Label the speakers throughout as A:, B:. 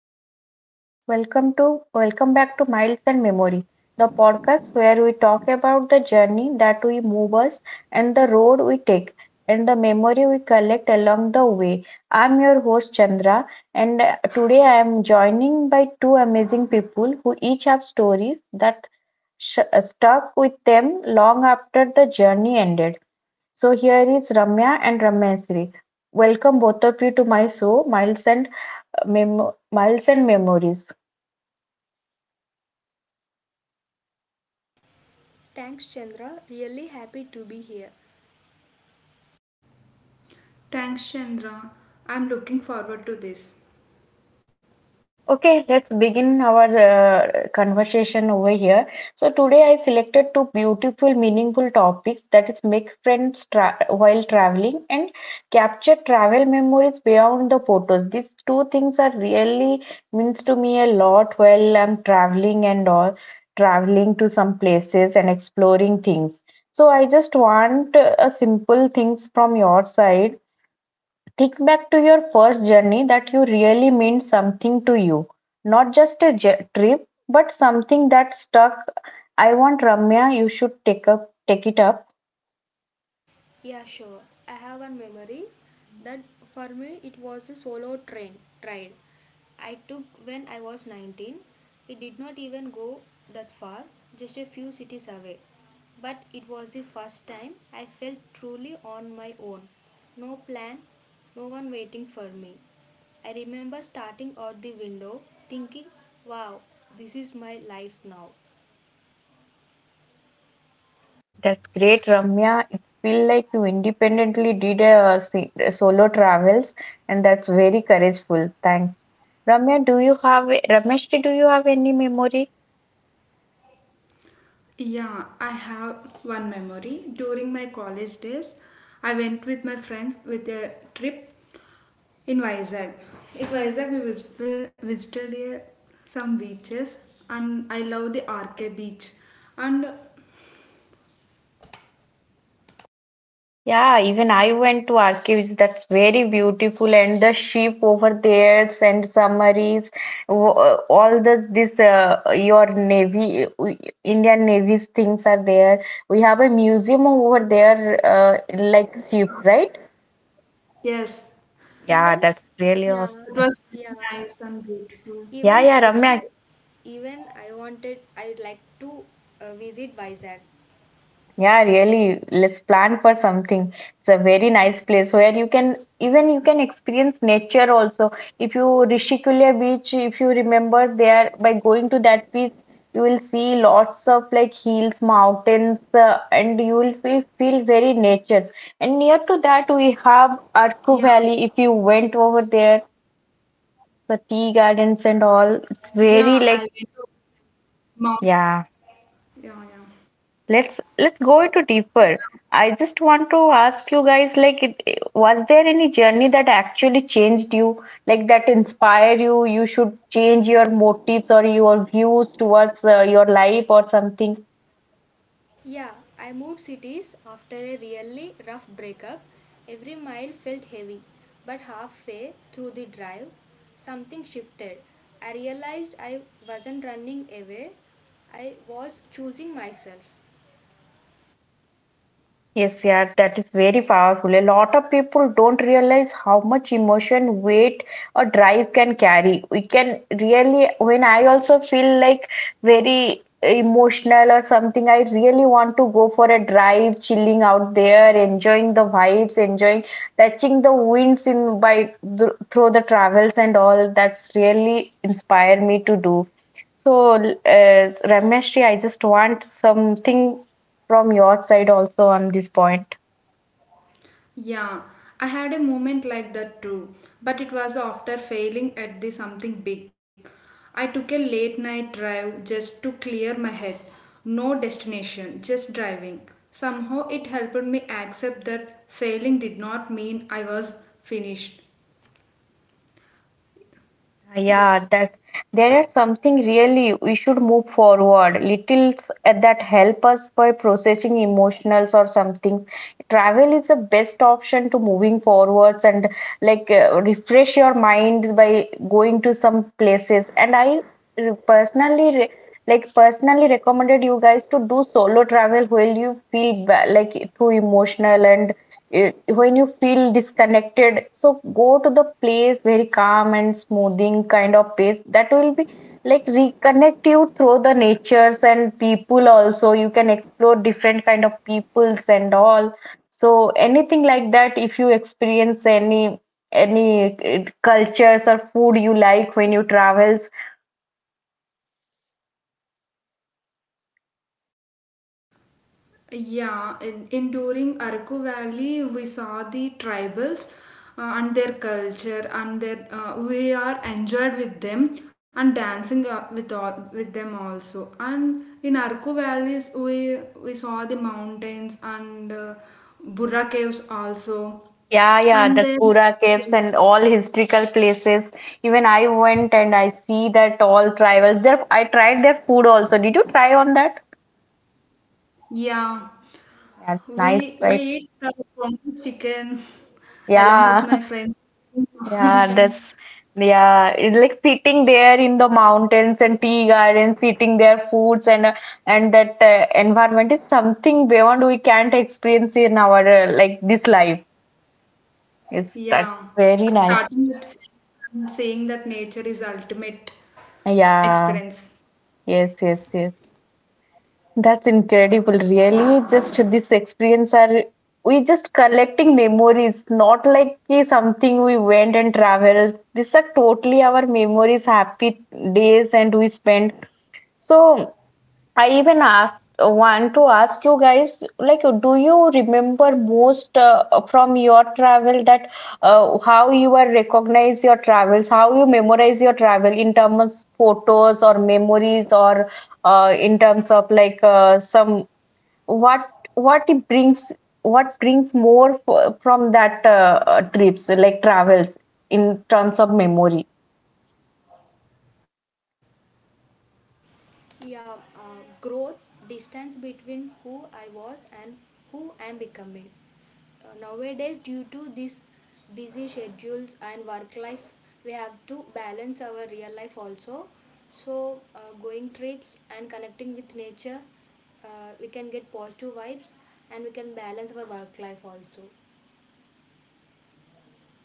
A: Hey everyone, welcome to welcome back to Miles and Memory, the podcast where we talk about the journey that we move us and the road we take and the memory we collect along the way. I'm your host Chandra and today I am joining by two amazing people who each have stories that stuck with them long after the journey ended. So here is Ramya and Ramesri. Welcome both of you to my show, Miles and Memories.
B: Thanks, Chandra. Really happy to be here.
C: Thanks, Chandra. I'm looking forward to this.
A: Okay, let's begin our conversation over here. So today I selected two beautiful, meaningful topics, that is make friends while traveling and capture travel memories beyond the photos. These two things are really means to me a lot while I'm traveling and all traveling to some places and exploring things. So I just want a simple things from your side. Think back to your first journey that you really meant something to you. Not just a trip, but something that stuck. I want Ramya, you should take it up.
B: Yeah, sure. I have one memory that for me it was a solo train ride I took when I was 19. It did not even go that far, just a few cities away. But it was the first time I felt truly on my own. No plan, no one waiting for me. I remember starting out the window thinking, wow, this is my life now.
A: That's great, Ramya. It feels like you independently did a solo travels, and that's very courageful. Thanks, Ramya. Do you have Rameshti? Do you have any memory?
C: Yeah, I have one memory. During my college days, I went with my friends with a trip in Vizag. In Vizag, we visited some beaches, and I love the Arke beach. And
A: Yeah, even I went to archives. That's very beautiful, and the sheep over there and summaries, all this your navy, Indian Navy's things are there. We have a museum over there, like sheep, right?
C: yes,
A: Yeah,
B: Even
A: that's really
B: yeah,
C: it
A: awesome.
C: was
B: yeah.
C: very nice and beautiful.
A: Yeah,
B: Even
A: yeah,
B: I
A: Ramya.
B: too, I'd like to visit Vizag.
A: Yeah, really. Let's plan for something. It's a very nice place where you can even you can experience nature also. If you remember, there by going to that beach, you will see lots of like hills, mountains, and you will feel very nature. And near to that, we
C: Yeah,
A: have Arku Valley. If you went over there, the tea gardens and all,
C: yeah,
A: it's
C: I went
A: very
C: to
A: like
C: Mount.
A: yeah.
C: Yeah,
A: Let's go into
C: yeah.
A: deeper. I just want to ask you guys, like, was there any journey that actually changed you, like that inspired you? You should change your motives or your views towards your life or something.
B: Yeah, I moved cities after a really rough breakup. Every mile felt heavy, but halfway through the drive, something shifted. I realized I wasn't running away, I was choosing myself.
A: Yes, yeah, that is very powerful. A lot of people don't realize how much emotion, weight, or drive can carry. We can really, when I also feel like very emotional or something, I really want to go for a drive, chilling out there, enjoying the vibes, enjoying touching the winds in by through the travels and all. That's really inspired me to do. So, Rameshri, I just want something from your side also on this point.
C: Yeah, I had a moment like that too, but it was after failing at the something big. I took a late night drive just to clear my head. No destination, just driving. Somehow it helped me accept that failing did not mean I was finished. Yeah.
A: Yeah, that's there is something really we should move forward. Little Littles that help us by processing emotionals or something. Travel is the best option to moving forwards and refresh your mind by going to some places, and I personally personally recommended you guys to do solo travel when you feel too emotional, and when you feel disconnected, so go to the place very calm and smoothing kind of pace that will be like reconnect you through the natures, and people also you can explore different kind of peoples and all. So anything like that, if you experience any cultures or food you like when you travels.
C: Yeah, in during Araku Valley, we saw the tribals and their culture, and their we are enjoyed with them and dancing with all, with them also. And in Araku Valleys, we saw the mountains and Burra caves also,
A: Yeah, yeah, that's
C: and then
A: pura caves and all historical places. Even I went and I see that all tribals there, I tried their food also. Did you try on that?
C: yeah,
A: That's nice,
C: we
A: right?
C: eat chicken along
A: Yeah,
C: with my friends in the
A: yeah, that's
C: mountains.
A: yeah, it's like sitting there in the mountains and tea gardens eating their foods, and and that environment is something beyond we can't experience in our like this life. It's that's
C: Yeah,
A: very nice.
C: starting with from saying that nature is ultimate
A: Yeah,
C: experience.
A: yes, yes, yes. That's incredible, really. Just this experience are we just collecting memories, not like ki something we went and traveled. These are totally our memories, happy days and we spent. So I even asked want to ask you guys, like, do you remember most from your travel, that how you are recognize your travels, how you memorize your travel in terms of photos or memories, or in terms of like some, what what it brings, what brings more from that trips like travels in terms of memory.
B: Yeah, growth, distance between who I was and who I am becoming. Nowadays, due to these busy schedules and work life, we have to balance our real life also. So, going trips and connecting with nature, we can get positive vibes and we can balance our work life also.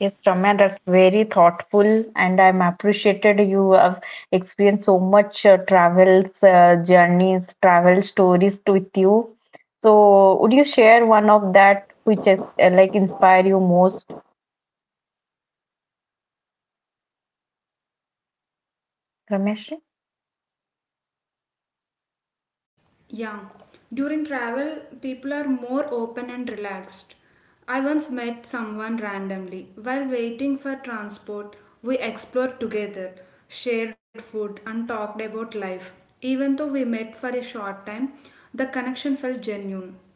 A: Yes, Ramya, that's very thoughtful, and I'm appreciated you have experienced so much travels, journeys, travel stories with you. So, would you share one of that which is like inspire you most, Ramesh?
C: Yeah, during travel, people are more open and relaxed. I once met someone randomly while waiting for transport. We explored together, shared food, and talked about life. Even though we met for a short time, the connection felt genuine.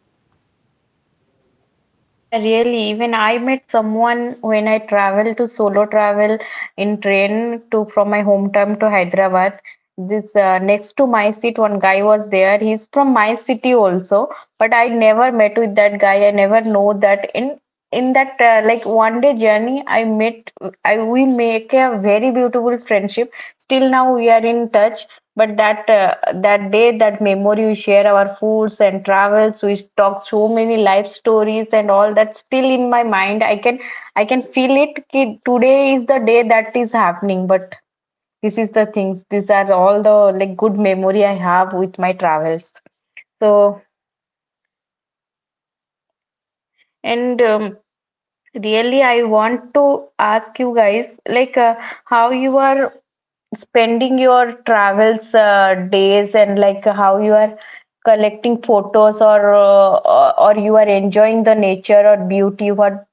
A: Yeah, really. Even I met someone when I traveled to solo travel in train to from my hometown to Hyderabad. This next to my seat, one guy was there. He's from my city also, but I never met with that guy. I never know that in that like one day journey, I met. I we make a very beautiful friendship. Still now we are in touch. But that day, that memory, we share our foods and travels. We talk so many life stories and all that. Still in my mind, I can feel it. Ki today is the day that is happening. But this is the things. These are all the like good memory I have with my travels. So and. Really, I want to ask you guys, like, how you are spending your travels days, and like how you are collecting photos, or you are enjoying the nature or beauty, what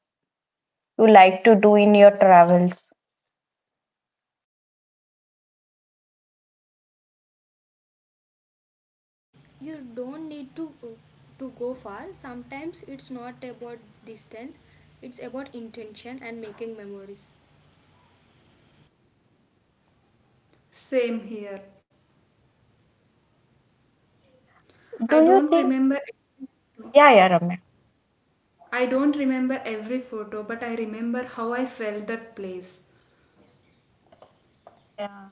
A: you like to do in your travels.
B: You don't need to go far. Sometimes it's not about distance; it's about intention and making memories.
C: Same here. I
A: Do you
C: don't
A: think?
C: remember
A: Yeah, yeah, Ramya.
C: I don't remember every photo, but I remember how I felt that place.
A: Yeah.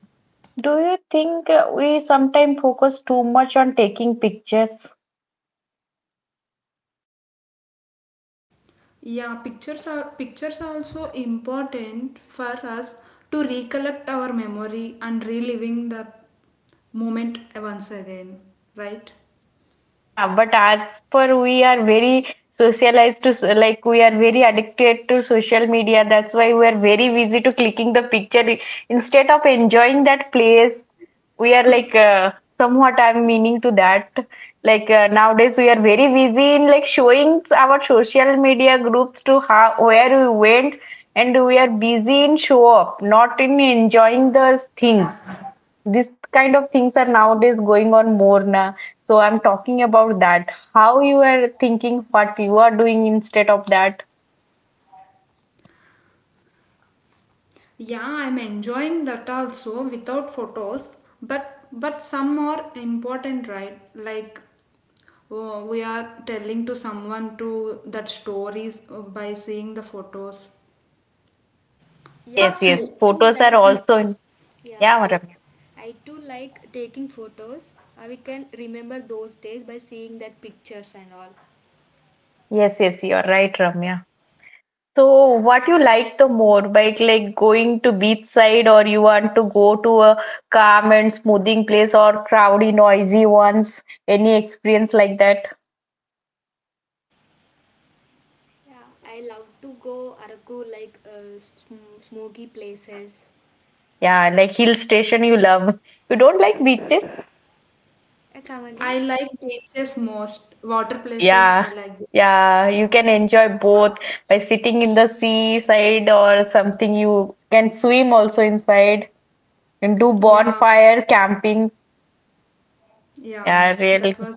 A: Do you think we sometimes focus too much on taking pictures?
C: Yeah, pictures are also important for us to recollect our memory and reliving the moment once again, right?
A: Yeah, but as per we are very socialized to like we are very addicted to social media. That's why we are very busy to clicking the picture instead of enjoying that place. We are like somewhat I'm meaning to that. Like nowadays we are very busy in like showing our social media groups to how where we went, and we are busy in show up, not in enjoying the things. This kind of things are nowadays going on more now. So I'm talking about that. How you are thinking, what you are doing instead of that.
C: Yeah, I'm enjoying that also without photos, but some are important, right? Like oh, we are telling to someone to that stories by seeing the photos. For
B: Yeah,
A: Yes, yes.
B: I
C: few,
B: too
A: Photos are
B: like
A: also in.
B: yeah,
A: Yeah,
B: I
A: Ramya.
B: I too like taking photos. We can remember those days by seeing that pictures and all.
A: Yes, yes. You're right, Ramya. So what you like the more, like going to beach side, or you want to go to a calm and smoothing place or crowdy, noisy ones? Any experience like that?
B: Yeah, I love to go Araku like smoky places.
A: Yeah, like hill station you love. You don't like beaches?
B: Come again?
C: I like beaches most, water places I
A: Yeah,
C: like.
A: yeah, you can enjoy both by sitting in the seaside or something. You can swim also inside and do
C: Yeah.
A: bonfire camping.
C: Yeah,
A: Yeah,
C: that
A: really.
C: was,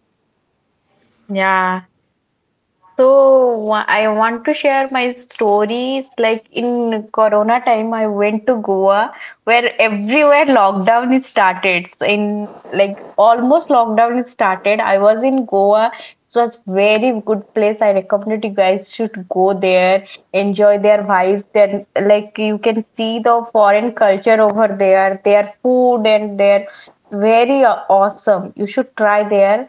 A: Yeah. So I want to share my stories. Like in Corona time, I went to Goa, where everywhere lockdown is started. So in like almost lockdown is started. I was in Goa. It was very good place. I recommend you guys should go there, enjoy their vibes. Then like you can see the foreign culture over there, their food and their very awesome. You should try there,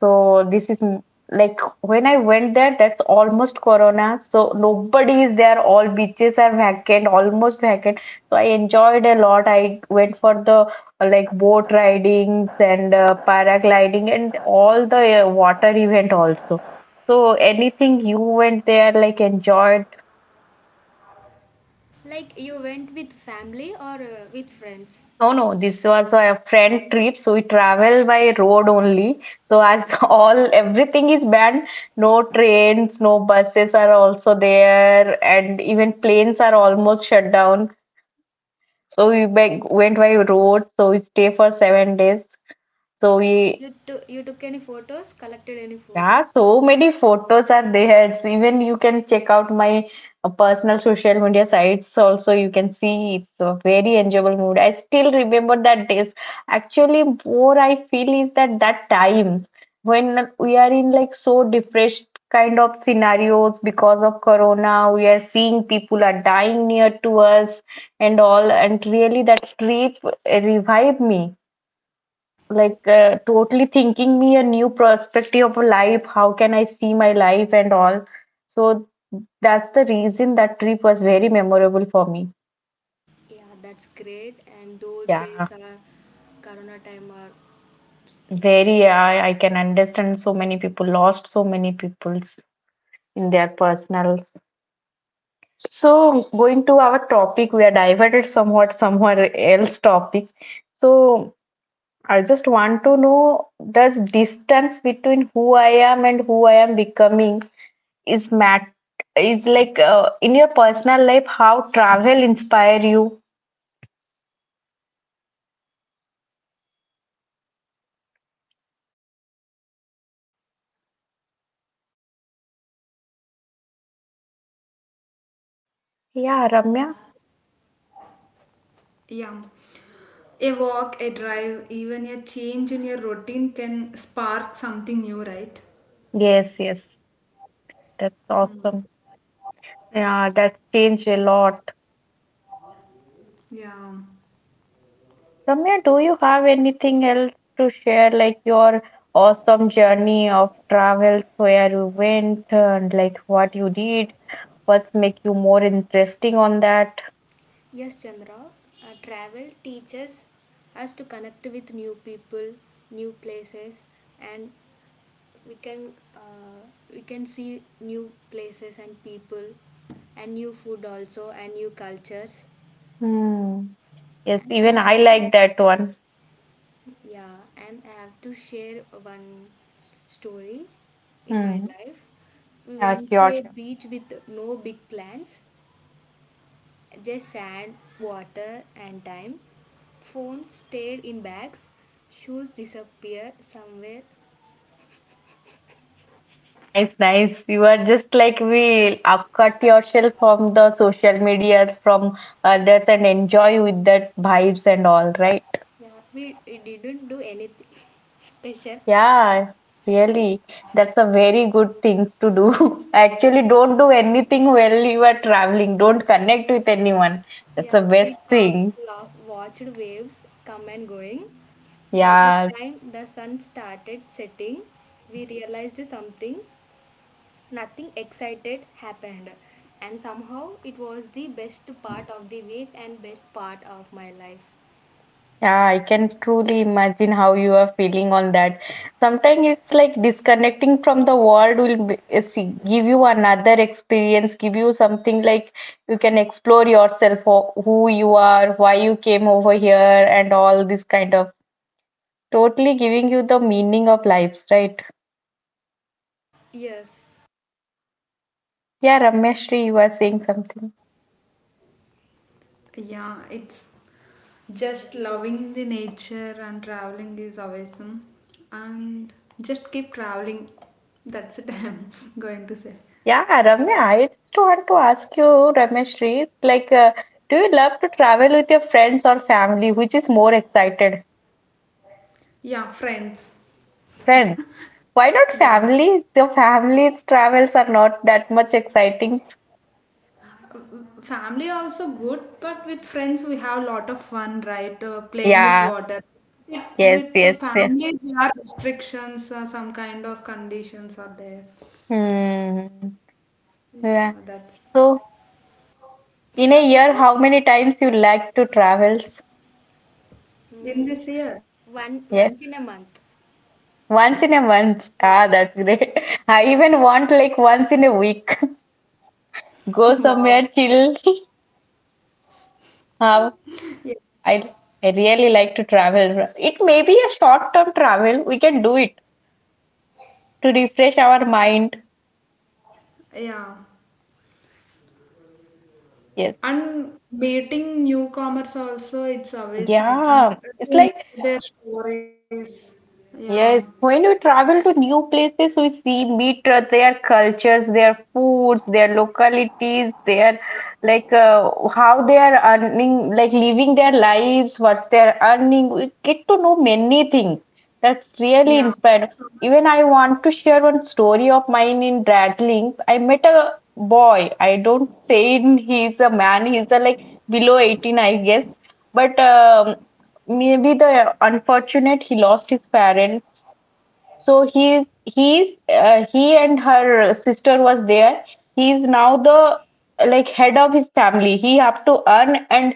A: so this is m- like when I went there, that's almost Corona. So nobody is there. All beaches are vacant, almost vacant. So I enjoyed a lot. I went for the like boat ridings, and paragliding, and all the water event also. So anything you went there, like enjoyed.
B: Like you went with family or with friends?
A: No, no, this was a friend trip, so we travel by road only. So as all everything is banned, no trains, no buses are also there, and even planes are almost shut down. So we went by road. So we stay for 7 days. So we
B: You took any photos? Collected any
A: Yeah,
B: photos?
A: so many photos are there. It's Even you can check out my personal social media sites also. You can see it's a very enjoyable mood. I still remember that days. Actually, more I feel is that time when we are in like so depressed kind of scenarios because of corona, we are seeing people are dying near to us and all. And really, that trip revived me like totally thinking me a new perspective of life, how can I see my life and all. So that's the reason that trip was very memorable for me.
B: Yeah, that's great. And those
A: Yeah,
B: days are Corona time or
A: very I can understand, so many people lost so many people's in their personals. So going to our topic, we are diverted somewhat somewhere else topic. So I just want to know, does distance between who I am and who I am becoming is mat is like, in your personal life, how travel inspire you? Yeah, Ramya.
C: yeah. A walk, a drive, even a change in your routine can spark something new, right?
A: Yes, yes, that's awesome. Yeah, that's changed a lot.
C: Yeah,
A: Ramya, do you have anything else to share, like your awesome journey of travels, where you went and like what you did, what's make you more interesting on that?
B: Yes, Chandra. Travel teaches us to connect with new people, new places, and we can uh, we can see new places and people and new food also and new cultures.
A: Hmm. Yes,
B: And I
A: even
B: have
A: I like
B: to
A: that one.
B: yeah, and I have to share one story in my
A: Hmm.
B: life. We
A: Yeah,
B: went to
A: sure,
B: a
A: sure.
B: beach with no big plans, just sand, water, and time. Phones stayed in bags. Shoes disappeared somewhere.
A: Nice, nice. You are just like, we upcut yourself from the social medias, from others, and enjoy with that vibes and all, right?
B: Yeah, we didn't do anything special.
A: Yeah, really. That's a very good thing to do. Actually, don't do anything while you are traveling. Don't connect with anyone. That's
B: Yeah,
A: the
B: we
A: best
B: talked,
A: thing.
B: laughed, watched waves come and going. By the
A: Yeah.
B: time the sun started setting, we realized something. Nothing excited happened. And somehow it was the best part of the week and best part of my life.
A: Yeah, I can truly imagine how you are feeling on that. Sometimes it's like disconnecting from the world will be, give you another experience, give you something like you can explore yourself, who you are, why you came over here, and all this kind of totally giving you the meaning of lives, right?
B: Yes.
A: Yeah, Rameshri, you were saying something.
C: yeah, it's just loving the nature and traveling is awesome. And just keep traveling. That's it, I'm going to say.
A: Yeah, Ramya, I just want to ask you, Rameshri, like, do you love to travel with your friends or family? Which is more excited?
C: Yeah, friends.
A: Friends, why not
C: Yeah.
A: family? The family's travels are not that much exciting.
C: Family also good, but with friends we have a lot of fun, right? Playing with
A: Yeah,
C: water, it,
A: yes,
C: with
A: yes, yeah.
C: family there are restrictions, some kind of conditions are there.
A: Hmm. Yeah.
C: Yeah, that's
A: So,
B: For
A: in a year,
B: me,
A: how many times you like to travels?
C: in
B: mm,
C: this year.
B: one
A: Yes,
B: once in a month.
A: once in a month.
B: Yeah.
A: Ah, that's great. I even want like once in a week. Go
C: Wow,
A: somewhere chill. Ah,
C: yeah,
A: I I really like to travel. It may be a short-term travel. We can do it to refresh our mind.
C: yeah.
A: Yes.
C: And meeting newcomers also, it's always
A: Yeah.
C: and to
A: It's
C: know
A: like.
C: their stories. Yeah,
A: Yes, when we travel to new places, we see, meet their cultures, their foods, their localities, their like how they are earning, like living their lives, what's their earning. We get to know many things. That's really
C: yeah.
A: inspired.
C: So,
A: Even I want to share one story of mine in Darjeeling. I met a boy. I don't say he's a man. He's a, like below 18, I guess. But maybe the unfortunate, he lost his parents. So he and her sister was there. He's now the like head of his family. He have to earn and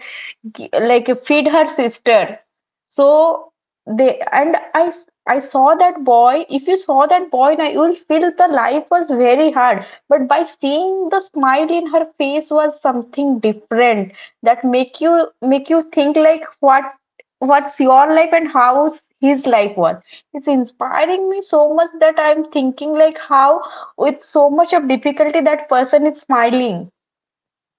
A: like feed her sister. So they, and I saw that boy. If you saw that boy, now you will feel the life was very hard. But by seeing the smile in her face was something different, that make you think like what, what's your life and how his life was. It's inspiring me so much that I'm thinking like how with so much of difficulty that person is smiling.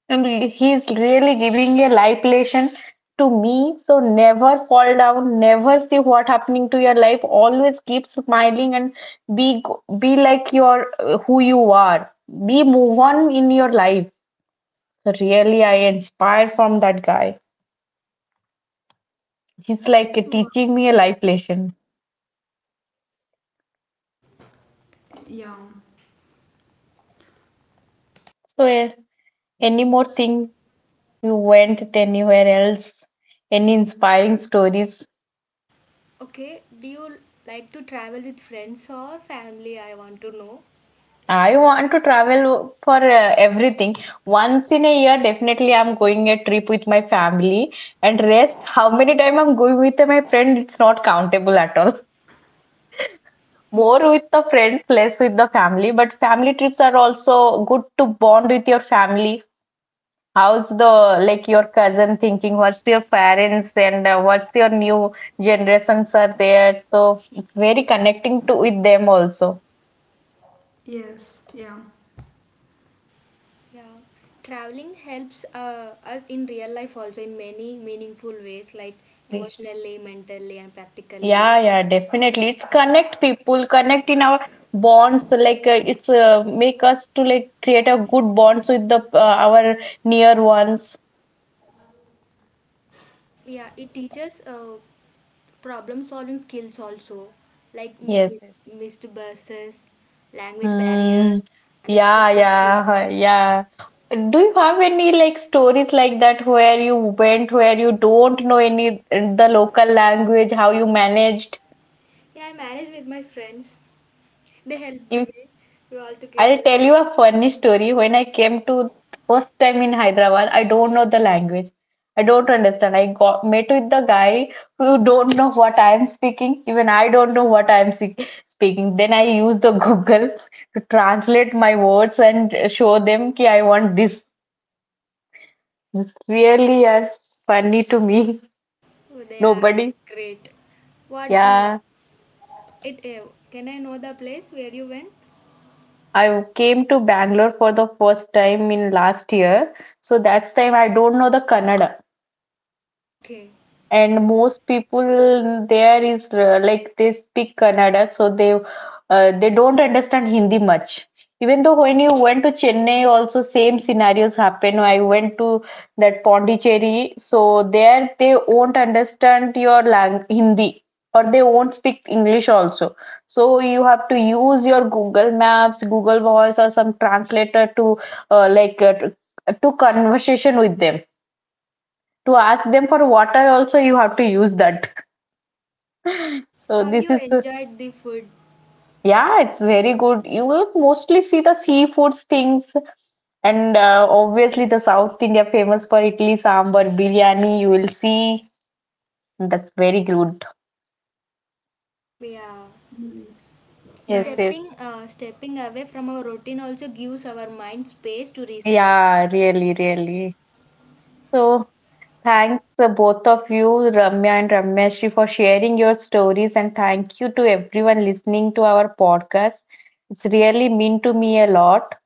A: And he's really giving a life lesson to me. So never fall down. Never see what happening to your life. Always keep smiling and be be like your who you are. Be move on in your life. So really, I inspired from that guy. He's like teaching me a life lesson.
C: yeah,
A: So eh, any more
C: that's
A: thing, you went anywhere else? Any inspiring stories?
B: Okay. Do you like to travel with friends or family? I want to know.
A: I want to travel for everything. Once in a year, definitely I'm going a trip with my family. And rest, how many time I'm going with my friend, it's not countable at all. More with the friends, less with the family. But family trips are also good to bond with your family. How's the like your cousin thinking? What's your parents and what's your new generations are there? So it's very connecting to with them also.
C: yes, yeah.
B: Yeah. Traveling helps us in real life also in many meaningful ways, like emotionally, mentally, and practically.
A: Yeah, yeah, definitely. It's connect people, connect in our bonds. Like it's make us to like create a good bonds with the our near ones.
B: Yeah, it teaches problem solving skills also, like
A: Yes, yes.
B: missed buses, language barriers,
A: Mm, yeah,
B: unexpected
A: yeah, huh,
B: changes.
A: yeah. Do you have any like stories like that where you went, where you don't know any the local language, how you managed?
B: Yeah, I manage with my friends. They helped
A: If
B: me. We all together.
A: I'll tell you a funny story. When I came to first time in Hyderabad, I don't know the language. I don't understand. I got met with the guy who don't know what I am speaking. Even I don't know what I am speaking. Then I use the Google to translate my words and show them that I want this. It's really funny to me.
B: Oh, they are that's
A: Nobody.
B: great. What
A: Yeah.
B: it Can I know the place where you went?
A: I came to Bangalore for the first time in last year. So that's time I don't know the Kannada.
B: Okay.
A: And most people there is like they speak Kannada, so they don't understand Hindi much. Even though when you went to Chennai, also same scenarios happen. I went to that Pondicherry, so there they won't understand your lang Hindi or they won't speak English also. So you have to use your Google Maps, Google Voice, or some translator to like to conversation with them, to ask them for water also you have to use that. So
B: How
A: this
B: you
A: is the-
B: enjoyed the food?
A: Yeah, it's very good, you will mostly see the seafoods things and obviously the south india famous for idli sambar biryani, you will see that's very good.
B: Yeah.
A: Yes, yes.
C: Nice.
B: Stepping away from our routine also gives our mind space to reset.
A: Yeah, really, really. So, thanks both of you, Ramya and Ramyashi, for sharing your stories, and thank you to everyone listening to our podcast. It's really mean to me a lot.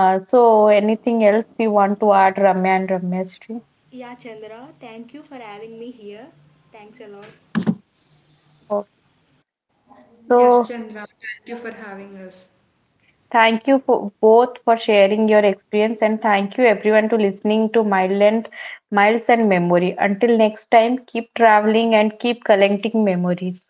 A: So, anything else you want to add, Ramya and Ramyashri?
B: Yeah, Chandra, thank you for having me here. Thanks a lot.
A: Okay. So,
C: Yes, Chandra, thank you for having us.
A: thank you for both for sharing your experience, and thank you everyone to listening to Mile and Miles and Memory. Until next time, keep traveling and keep collecting memories.